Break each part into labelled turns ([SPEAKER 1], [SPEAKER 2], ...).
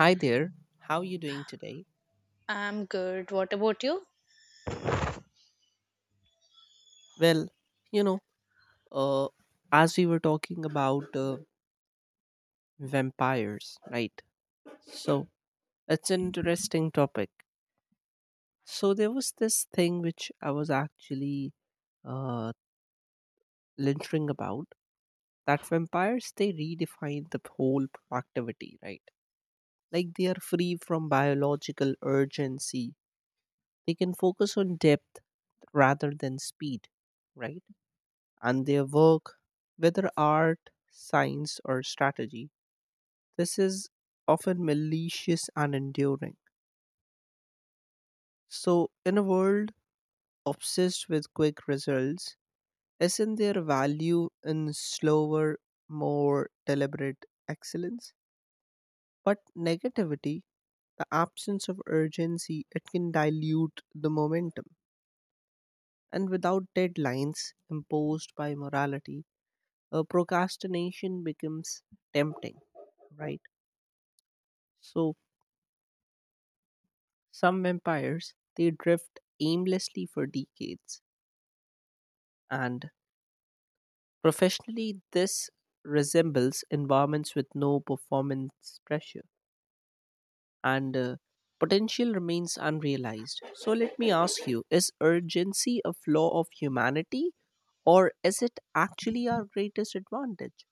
[SPEAKER 1] Hi there. How you doing today?
[SPEAKER 2] I'm good. What about you?
[SPEAKER 1] Well, you know, uh, as we were talking about vampires, right? So it's an interesting topic. So there was this thing which I was actually uh, lintering about that vampires they redefine the whole productivity, right? Like they are free from biological urgency. They can focus on depth rather than speed, right? And their work, whether art, science, or strategy. This is often malicious and enduring. So, in a world obsessed with quick results, isn't there value in slower, more deliberate excellence? But negativity, the absence of urgency, it can dilute the momentum. And without deadlines imposed by morality, procrastination becomes tempting, right? So, some vampires, they drift aimlessly for decades, and professionally, this resembles environments with no performance pressure, and potential remains unrealized. So, let me ask you, is urgency a flaw of humanity, or is it actually our greatest advantage?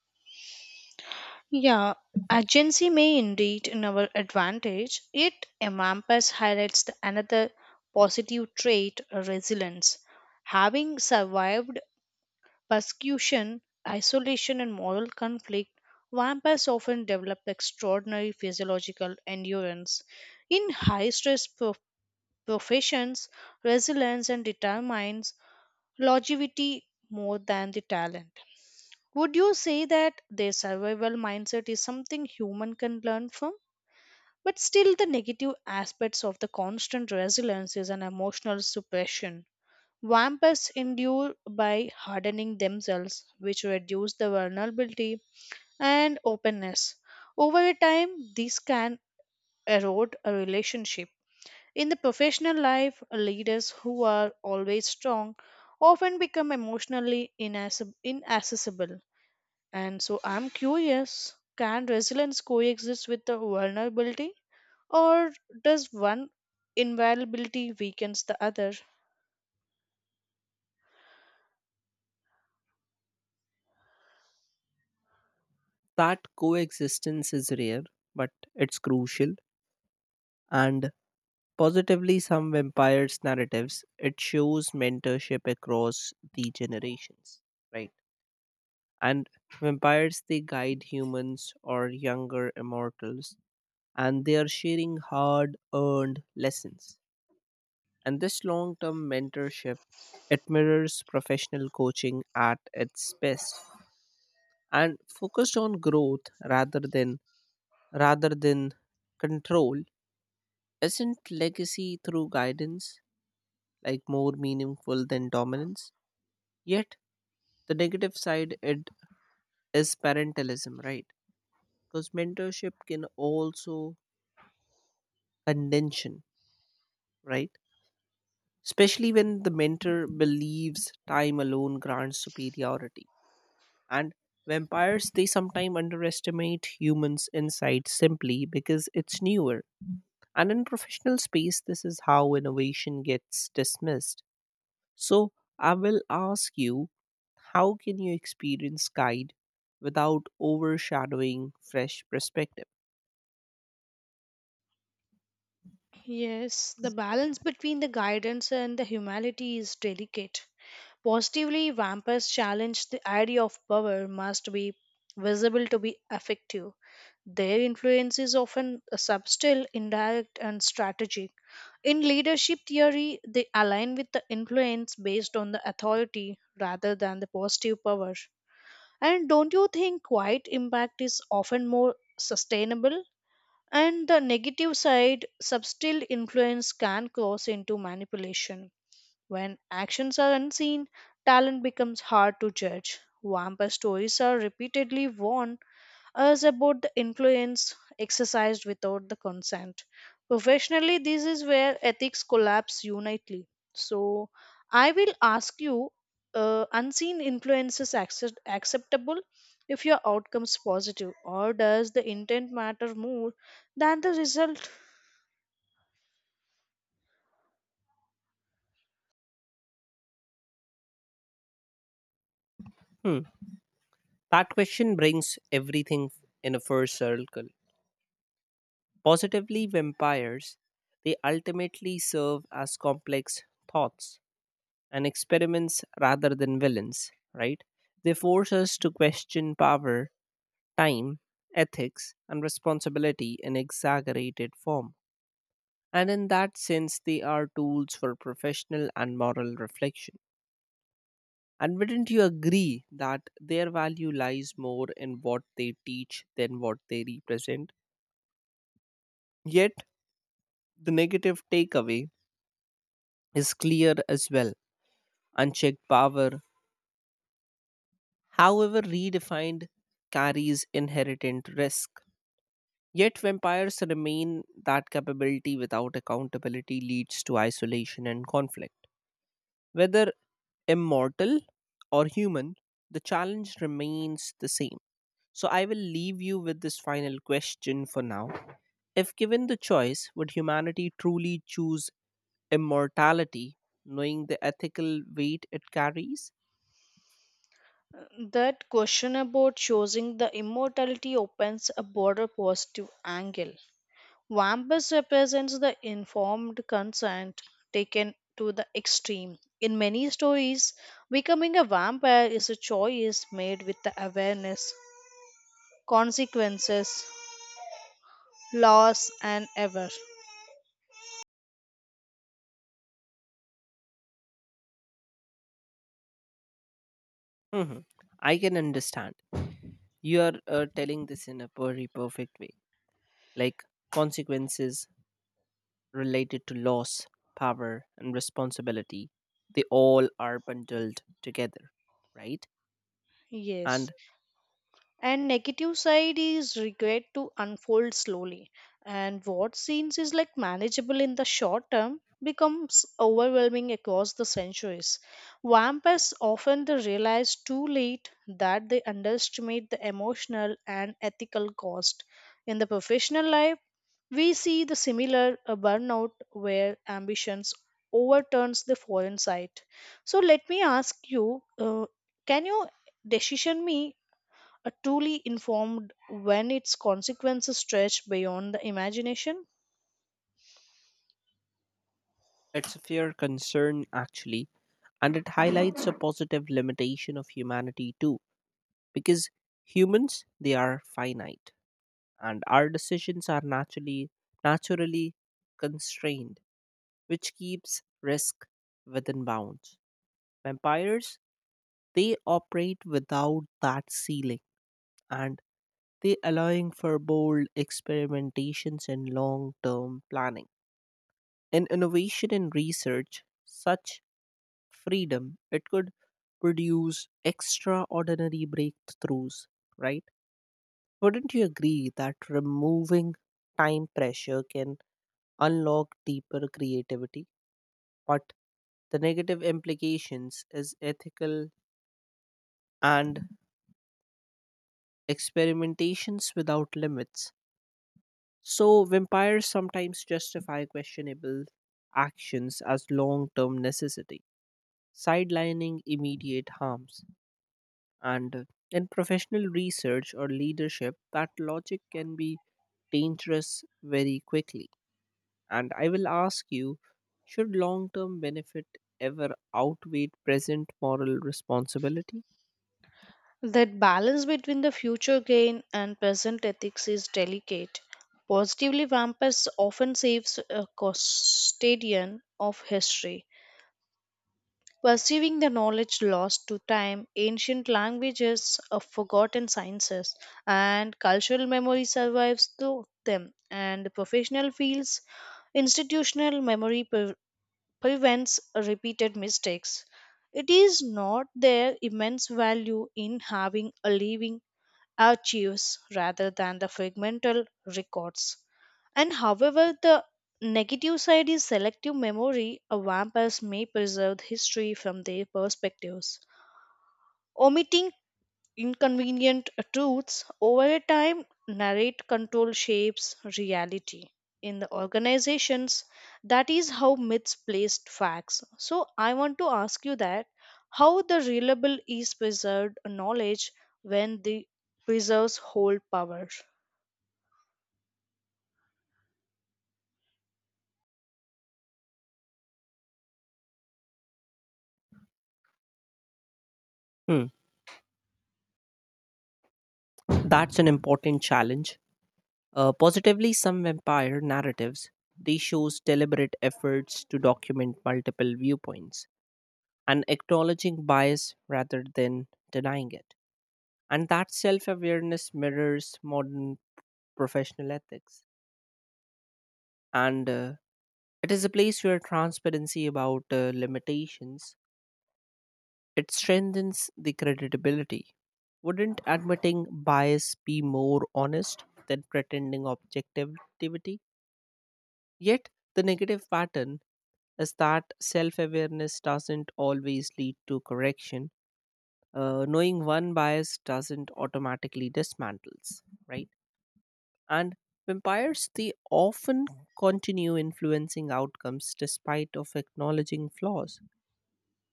[SPEAKER 2] Yeah, agency may indeed in our advantage. It Amampus highlights the another positive trait resilience. Having survived persecution, isolation, and moral conflict, vampires often develop extraordinary physiological endurance. In high stress professions, resilience and determines longevity more than the talent. Would you say that their survival mindset is something human can learn from? But still, the negative aspects of the constant resilience is an emotional suppression. Vampires endure by hardening themselves, which reduce the vulnerability and openness. Over a time, this can erode a relationship. In the professional life, leaders who are always strong often become emotionally inaccessible, and so I'm curious, can resilience coexist with the vulnerability, or does one invulnerability weakens the other?
[SPEAKER 1] That coexistence is rare, but it's crucial. And positively, some vampires' narratives it shows mentorship across the generations, right? And vampires they guide humans or younger immortals, and they are sharing hard-earned lessons. And this long-term mentorship it mirrors professional coaching at its best and focused on growth rather than control. Isn't legacy through guidance like more meaningful than dominance? Yet, the negative side it is parentalism, right? Because mentorship can also condition, right? Especially when the mentor believes time alone grants superiority. And vampires they sometimes underestimate humans' insight simply because it's newer. And in professional space, this is how innovation gets dismissed. So I will ask you, how can you experience guide without overshadowing fresh perspective?
[SPEAKER 2] Yes, the balance between the guidance and the humanity is delicate. Positively, vampires challenge the idea of power must be visible to be effective. Their influence is often subtle, indirect, and strategic. In leadership theory, they align with the influence based on the authority rather than the positive power. And don't you think quiet impact is often more sustainable? And the negative side, subtle influence can cross into manipulation. When actions are unseen, talent becomes hard to judge. Vampire stories are repeatedly warned as about the influence exercised without the consent. Professionally, this is where ethics collapse unitely. So, I will ask you, unseen influences acceptable if your outcome is positive, or does the intent matter more than the result?
[SPEAKER 1] Hmm. That question brings everything in a full circle. Positively, vampires, they ultimately serve as complex thoughts and experiments rather than villains, right? They force us to question power, time, ethics, and responsibility in exaggerated form. And in that sense, they are tools for professional and moral reflection. And wouldn't you agree that their value lies more in what they teach than what they represent? Yet, the negative takeaway is clear as well. Unchecked power, however redefined, carries inherent risk. Yet, vampires remain that capability without accountability leads to isolation and conflict. Whether immortal or human, the challenge remains the same. So I will leave you with this final question for now. If given the choice, would humanity truly choose immortality, knowing the ethical weight it carries?
[SPEAKER 2] Uh, That question about choosing the immortality opens a broader positive angle. Wampus represents the informed consent taken to the extreme. In many stories, becoming a vampire is a choice made with the awareness, consequences, loss, and ever.
[SPEAKER 1] Mhm. I can understand. You are telling this in a very perfect way, like consequences related to loss, power, and responsibility. They all are bundled together, right? And
[SPEAKER 2] Yes. And negative side is regret to unfold slowly, and what seems is like manageable in the short term becomes overwhelming across the centuries. Vampires often they realize too late that they underestimate the emotional and ethical cost. In the professional life, we see the similar burnout where ambitions overturns the foreign side. So let me ask you, can you decision me a truly informed when its consequences stretch beyond the imagination?
[SPEAKER 1] it's a fair concern, actually, and it highlights a positive limitation of humanity too, because humans they are finite, and our decisions are naturally constrained, which keeps risk within bounds. Vampires, they operate without that ceiling and they allowing for bold experimentations and long-term planning. In innovation and research, such freedom it could produce extraordinary breakthroughs, right? Wouldn't you agree that removing time pressure can unlock deeper creativity? But the negative implications is ethical and experimentations without limits. So, vampires sometimes justify questionable actions as long term necessity, sidelining immediate harms. And in professional research or leadership, that logic can be dangerous very quickly. And I will ask you, should long term benefit ever outweigh present moral responsibility?
[SPEAKER 2] That balance between the future gain and present ethics is delicate. Positively, vampires often saves a custodian of history, perceiving the knowledge lost to time, ancient languages, forgotten sciences, and cultural memory survives to them, and the professional fields institutional memory prevents repeated mistakes. It is not their immense value in having a living archives rather than the fragmental records. And however, the negative side is selective memory. A vampires may preserve history from their perspectives, omitting inconvenient truths over a time. Narrate control shapes reality in the organizations. That is how myths placed facts. So I want to ask you that how the reliable is preserved knowledge when the preserves hold power?
[SPEAKER 1] Hmm. That's an important challenge. Positively, some vampire narratives they shows deliberate efforts to document multiple viewpoints and acknowledging bias rather than denying it. And that self-awareness mirrors modern professional ethics. And it is a place where transparency about limitations it strengthens the credibility. Wouldn't admitting bias be more honest than pretending objectivity? Yet, the negative pattern is that self awareness doesn't always lead to correction. Knowing one bias doesn't automatically dismantles, right? And vampires, they often continue influencing outcomes despite of acknowledging flaws.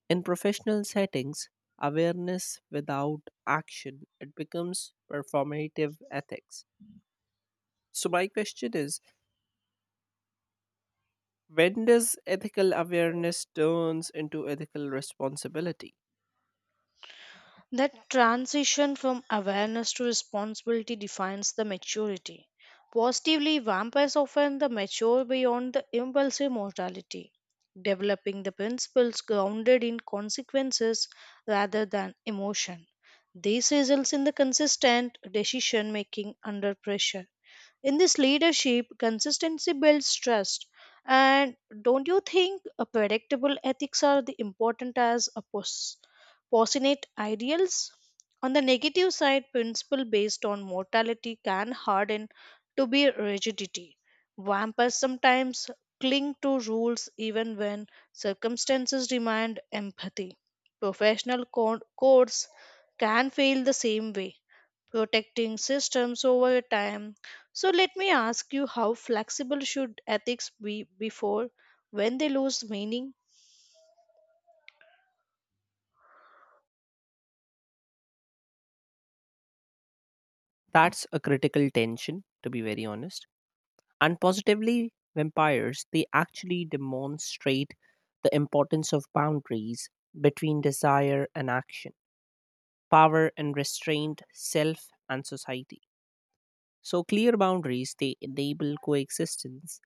[SPEAKER 1] In professional settings, awareness without action, it becomes performative ethics. So my question is, when does ethical awareness turns into ethical responsibility?
[SPEAKER 2] That transition from awareness to responsibility defines the maturity. Positively, vampires often the mature beyond the impulsive mortality, developing the principles grounded in consequences rather than emotion. This results in the consistent decision making under pressure. In this leadership, consistency builds trust. And don't you think a predictable ethics are the important as opposite ideals? On the negative side, principle based on mortality can harden to be rigidity. Vampires sometimes cling to rules even when circumstances demand empathy. Professional codes can fail the same way protecting systems over time. So let me ask you, how flexible should ethics be before when they lose meaning?
[SPEAKER 1] That's a critical tension, to be very honest. And positively, vampires, they actually demonstrate the importance of boundaries between desire and action, power and restraint, self and society. So clear boundaries they enable coexistence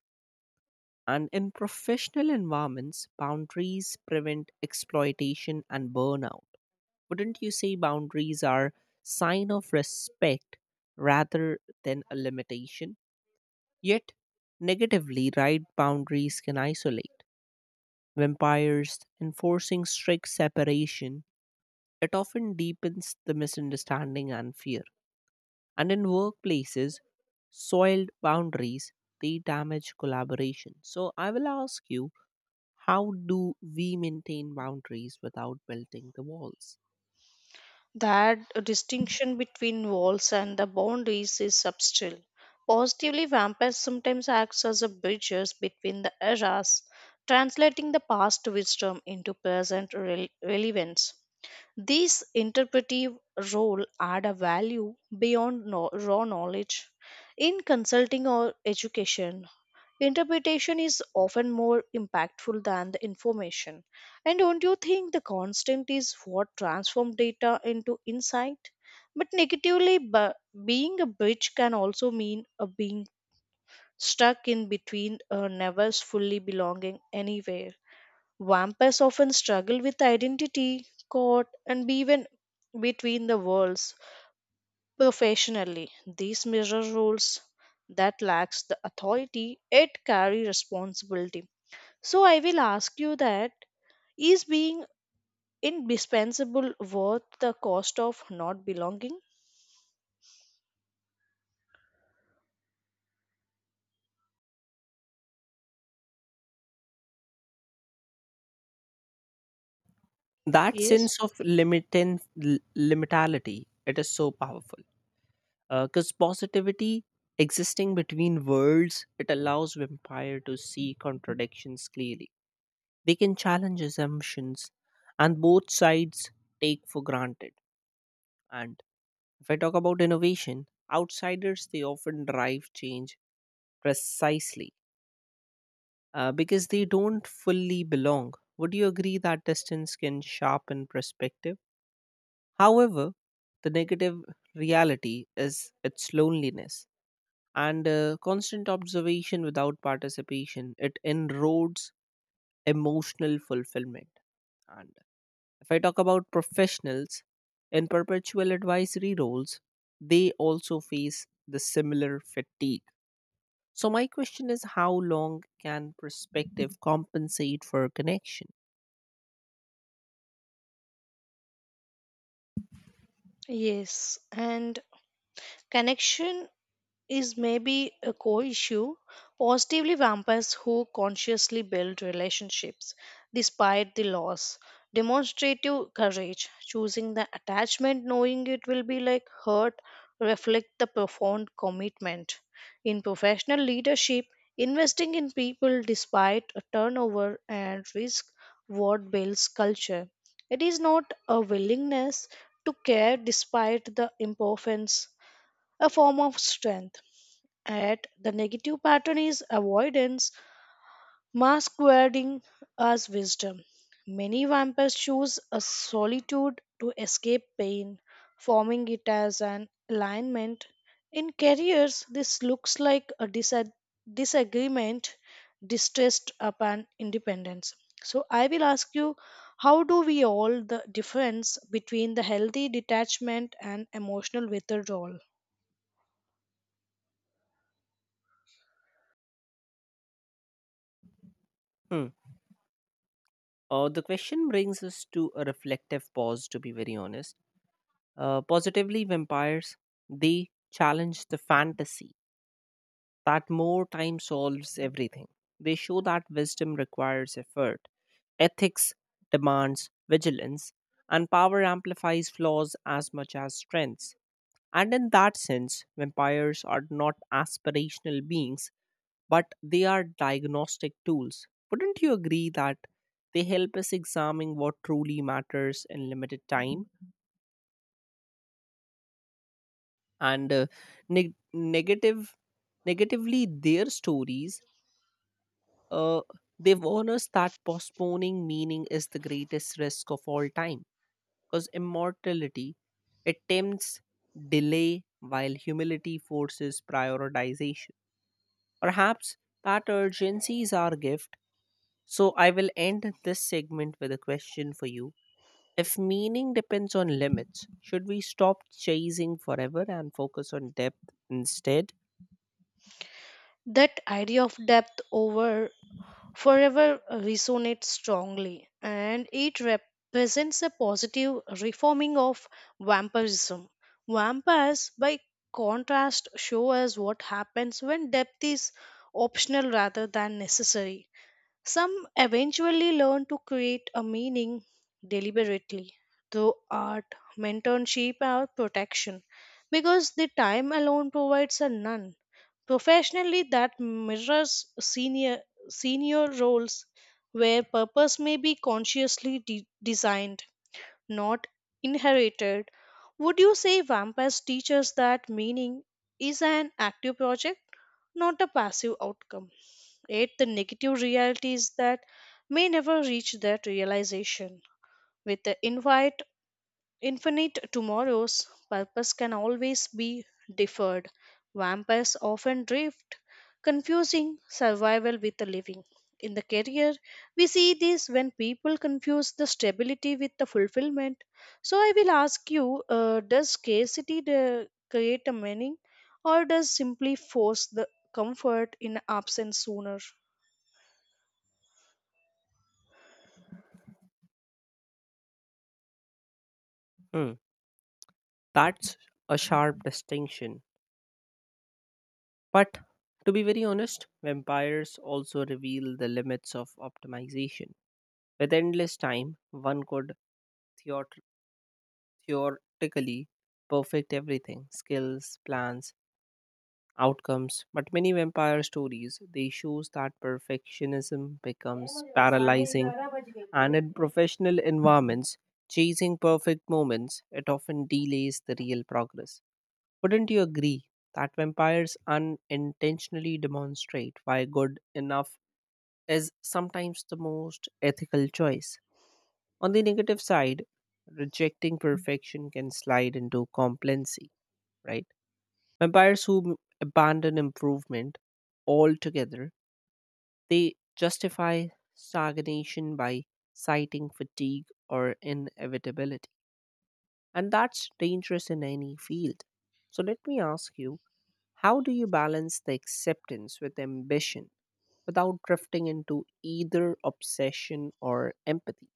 [SPEAKER 1] and in professional environments boundaries prevent exploitation and burnout. Wouldn't you say boundaries are sign of respect rather than a limitation? Yet negatively right boundaries can isolate. Vampires enforcing strict separation it often deepens the misunderstanding and fear. And in workplaces, soiled boundaries they damage collaboration. So I will ask you, how do we maintain boundaries without building the walls?
[SPEAKER 2] That distinction between walls and the boundaries is subtle. Positively, vampires sometimes acts as a bridges between the eras, translating the past wisdom into present relevance. These interpretive role add a value beyond raw knowledge in consulting or education. Interpretation is often more impactful than the information. And don't you think the constant is what transforms data into insight? But negatively, being a bridge can also mean a being stuck in between or never fully belonging anywhere. Vampires often struggle with identity, caught, and be even between the worlds professionally. These mirror roles that lacks the authority, it carry responsibility. So I will ask you that is being indispensable worth the cost of not belonging?
[SPEAKER 1] That
[SPEAKER 2] Yes.
[SPEAKER 1] sense of limitality, it is so powerful. Because positivity existing between worlds, it allows vampire to see contradictions clearly. They can challenge assumptions, and both sides take for granted. And if I talk about innovation, outsiders they often drive change precisely because they don't fully belong. Would you agree that distance can sharpen perspective? However, the negative reality is its loneliness and constant observation without participation. It enroads emotional fulfillment. And if I talk about professionals in perpetual advisory roles, they also face the similar fatigue. So, my question is how long can perspective compensate for connection?
[SPEAKER 2] Yes. And connection is maybe a core issue. Positively, vampires who consciously build relationships despite the loss, demonstrative courage, choosing the attachment knowing it will be like hurt, reflect the profound commitment. In professional leadership, investing in people despite a turnover and risk what builds culture. It is not a willingness to care despite the imperfections, a form of strength at the negative pattern is avoidance mask masquerading as wisdom. Many vampires choose a solitude to escape pain, forming it as an alignment. In careers, this looks like a disagreement, distrust upon independence. So I will ask you, how do we all the difference between the healthy detachment and emotional withdrawal?
[SPEAKER 1] Hmm. The question brings us to a reflective pause, to be very honest. Positively, vampires, they challenge the fantasy that more time solves everything. They show that wisdom requires effort, ethics demands vigilance, and power amplifies flaws as much as strengths. And in that sense, vampires are not aspirational beings but they are diagnostic tools. Wouldn't you agree that they help us examine what truly matters in limited time? And neg- negative, negatively, their stories, uh, they warn us that postponing meaning is the greatest risk of all time. Because immortality, it tempts delay while humility forces prioritization. Perhaps that urgency is our gift. So I will end this segment with a question for you. If meaning depends on limits, should we stop chasing forever and focus on depth instead?
[SPEAKER 2] That idea of depth over forever resonates strongly, and it represents a positive reforming of vampirism. Vampires, by contrast, show us what happens when depth is optional rather than necessary. Some eventually learn to create a meaning deliberately through art, mentorship, or protection because the time alone provides a none. Professionally, that mirrors senior senior roles where purpose may be consciously designed, not inherited. Would you say vampires teach us that meaning is an active project, not a passive outcome? Yet the negative realities that may never reach that realization. With the invite Infinite tomorrow's purpose can always be deferred. Vampires often drift, confusing survival with the living. In the career, we see this when people confuse the stability with the fulfillment. So I will ask you, does scarcity create a meaning, or does simply force the comfort in absence sooner?
[SPEAKER 1] Hmm. That's a sharp distinction. But to be very honest, vampires also reveal the limits of optimization. With endless time, one could theor- theoretically perfect everything, skills, plans, outcomes, but many vampire stories they shows that perfectionism becomes paralyzing and in professional environments chasing perfect moments it often delays the real progress. Wouldn't you agree that vampires unintentionally demonstrate why good enough is sometimes the most ethical choice? On the negative side, rejecting perfection can slide into complacency, right? Vampires who abandon improvement altogether, they justify stagnation by citing fatigue or inevitability. And that's dangerous in any field. So let me ask you, how do you balance the acceptance with ambition without drifting into either obsession or empathy?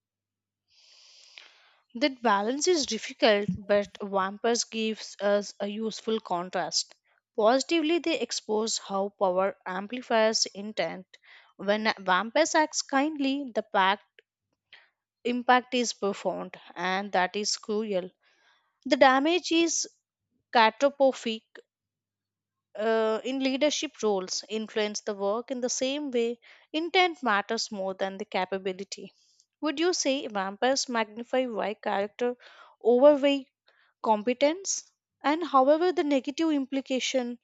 [SPEAKER 2] That balance is difficult, but Vampires gives us a useful contrast. Positively, they expose how power amplifies intent. When Vampires acts kindly, impact is profound, and that is cruel. The damage is catastrophic. In leadership roles, influence the work in the same way. Intent matters more than the capability. Would you say vampires magnify why character overweight competence? And however the negative implication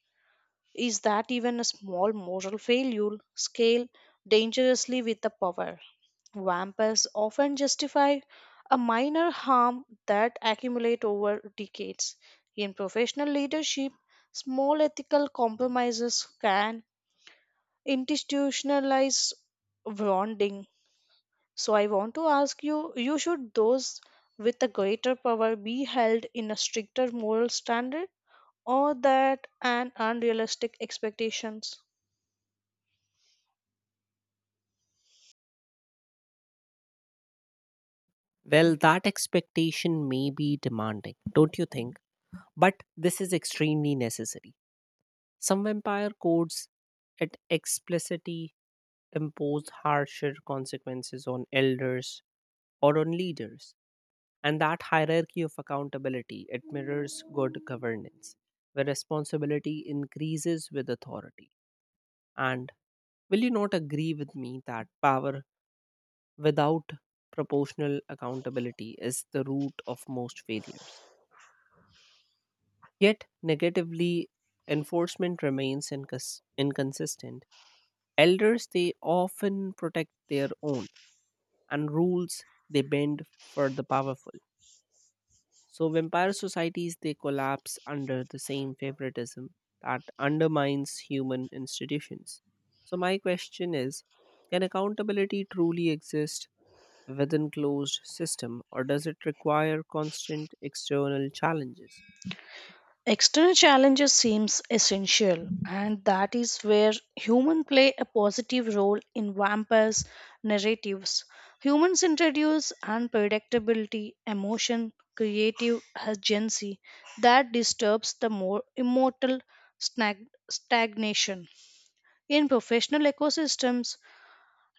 [SPEAKER 2] is that even a small moral failure scale dangerously with the power. Vampires often justify a minor harm that accumulate over decades. In professional leadership, small ethical compromises can institutionalize wrongdoing. So I want to ask you, you should those with a greater power be held in a stricter moral standard, or that and unrealistic expectations?
[SPEAKER 1] Well, that expectation may be demanding, don't you think? But this is extremely necessary. Some vampire codes at explicitly impose harsher consequences on elders or on leaders. And that hierarchy of accountability, it mirrors good governance, where responsibility increases with authority. And will you not agree with me that power without proportional accountability is the root of most failures? Yet, negatively, enforcement remains inconsistent. Elders they often protect their own and rules they bend for the powerful. So vampire societies they collapse under the same favoritism that undermines human institutions. So my question is, can accountability truly exist within closed system or does it require constant external challenges?
[SPEAKER 2] External challenges seems essential, and that is where humans play a positive role in vampires narratives. Humans introduce unpredictability, emotion, creative agency that disturbs the more immortal stagnation. In professional ecosystems,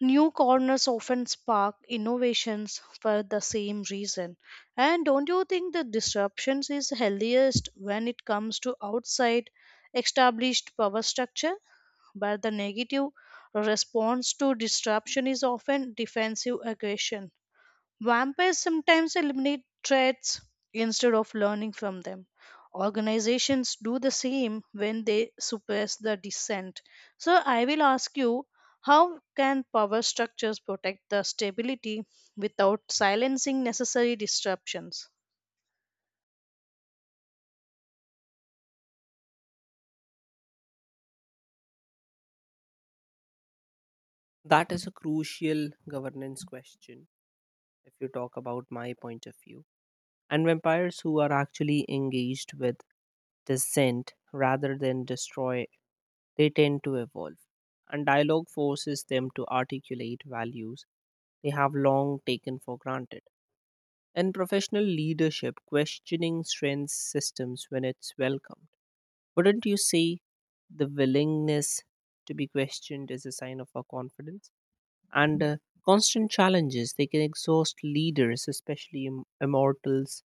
[SPEAKER 2] new corners often spark innovations for the same reason. And don't you think the disruptions is healthiest when it comes to outside established power structure? But the negative response to disruption is often defensive aggression. Vampires sometimes eliminate threats instead of learning from them. Organizations do the same when they suppress the dissent. So, I will ask you, how can power structures protect the stability without silencing necessary disruptions?
[SPEAKER 1] That is a crucial governance question. If you talk about my point of view, and vampires who are actually engaged with dissent rather than destroy, they tend to evolve, and dialogue forces them to articulate values they have long taken for granted. In professional leadership, questioning strengths systems when it's welcomed. Wouldn't you say the willingness to be questioned is a sign of our confidence? And constant challenges they can exhaust leaders, especially immortals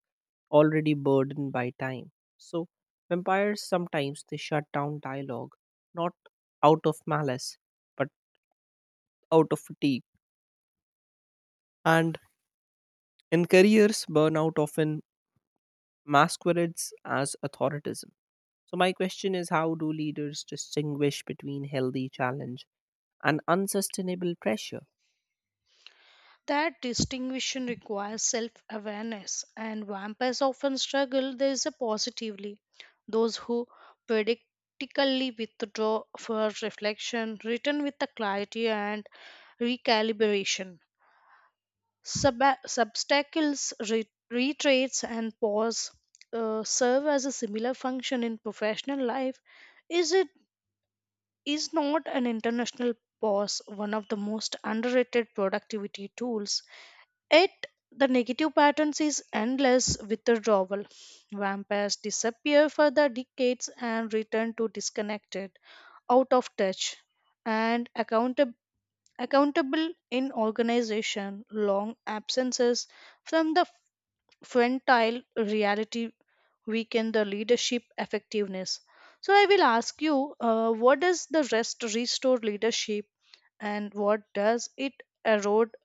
[SPEAKER 1] already burdened by time. So vampires sometimes they shut down dialogue, not out of malice, but out of fatigue. And in careers, burnout often masquerades as authoritism. So my question is, how do leaders distinguish between healthy challenge and unsustainable pressure?
[SPEAKER 2] That distinction requires self awareness, and vampires often struggle this positively. Those who predictically withdraw for reflection return with the clarity and recalibration. Substacles, retreats, and pause serve as a similar function in professional life. Is it is not an international pause one of the most underrated productivity tools? Yet the negative patterns is endless withdrawal. Vampires disappear for the decades and return to disconnected, out of touch, and accountable in organization. Long absences from the frontal reality weaken the leadership effectiveness. So I will ask you, what does the rest restore leadership, and what does it erode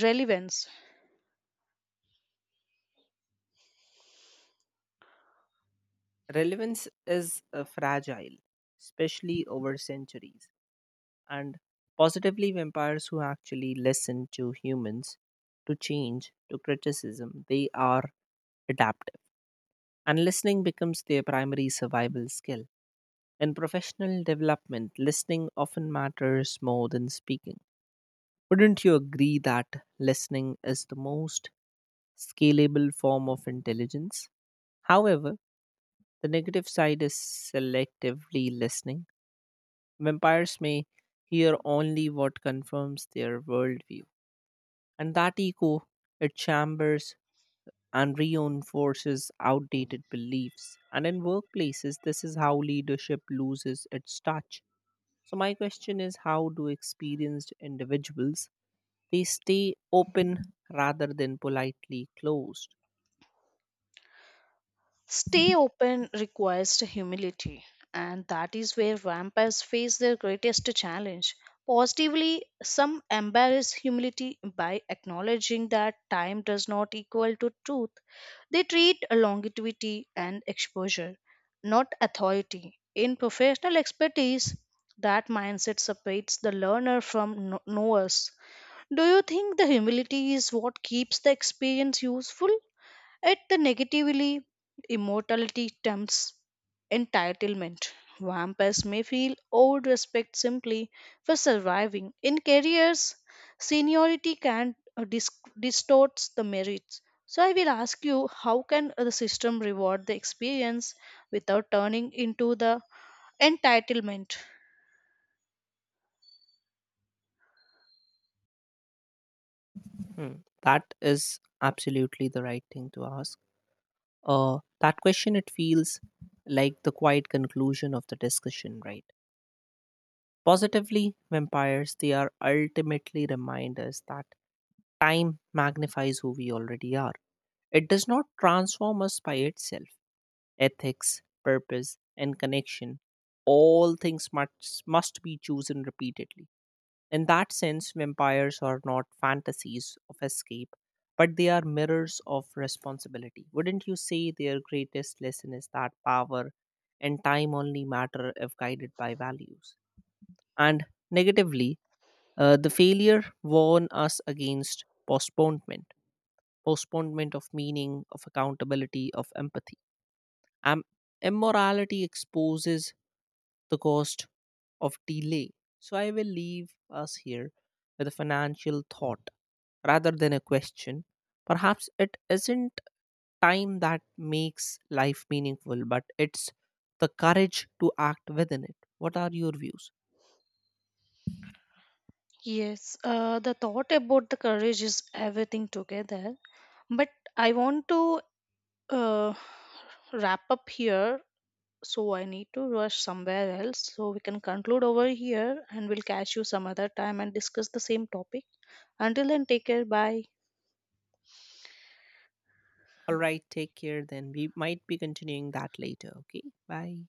[SPEAKER 2] relevance?
[SPEAKER 1] Relevance is fragile, especially over centuries. And positively, vampires who actually listen to humans, to change, to criticism, they are adaptive, and listening becomes their primary survival skill. In professional development, listening often matters more than speaking. Wouldn't you agree that listening is the most scalable form of intelligence? However, the negative side is selectively listening. Vampires may hear only what confirms their worldview. And that echo it chambers and reinforces outdated beliefs. And in workplaces, this is how leadership loses its touch. So my question is, how do experienced individuals they stay open rather than politely closed?
[SPEAKER 2] Stay open requires humility, and that is where vampires face their greatest challenge. Positively, some embrace humility by acknowledging that time does not equal to truth. They treat longevity and exposure, not authority. In professional expertise, that mindset separates the learner from knowers. Do you think the humility is what keeps the experience useful? At the negatively, immortality tempts entitlement. Vampires may feel owed respect simply for surviving. In careers, seniority can distorts the merits. So I will ask you, how can the system reward the experience without turning into the entitlement?
[SPEAKER 1] Hmm. That is absolutely the right thing to ask. That question it feels like the quiet conclusion of the discussion, right? Positively, vampires they are ultimately reminders that time magnifies who we already are. It does not transform us by itself. Ethics, purpose, and connection, all things must be chosen repeatedly. In that sense, vampires are not fantasies of escape, but they are mirrors of responsibility. Wouldn't you say their greatest lesson is that power and time only matter if guided by values? And negatively, the failure warn us against postponement of meaning, of accountability, of empathy. Um, Immorality exposes the cost of delay. So I will leave us here with a financial thought rather than a question. Perhaps it isn't time that makes life meaningful, but it's the courage to act within it. What are your views?
[SPEAKER 2] Yes, the thought about the courage is everything together. But I want to uh, wrap up here. So I need to rush somewhere else. So we can conclude over here, and we'll catch you some other time and discuss the same topic. Until then, take care. Bye.
[SPEAKER 1] All right, take care then. We might be continuing that later. Okay, bye.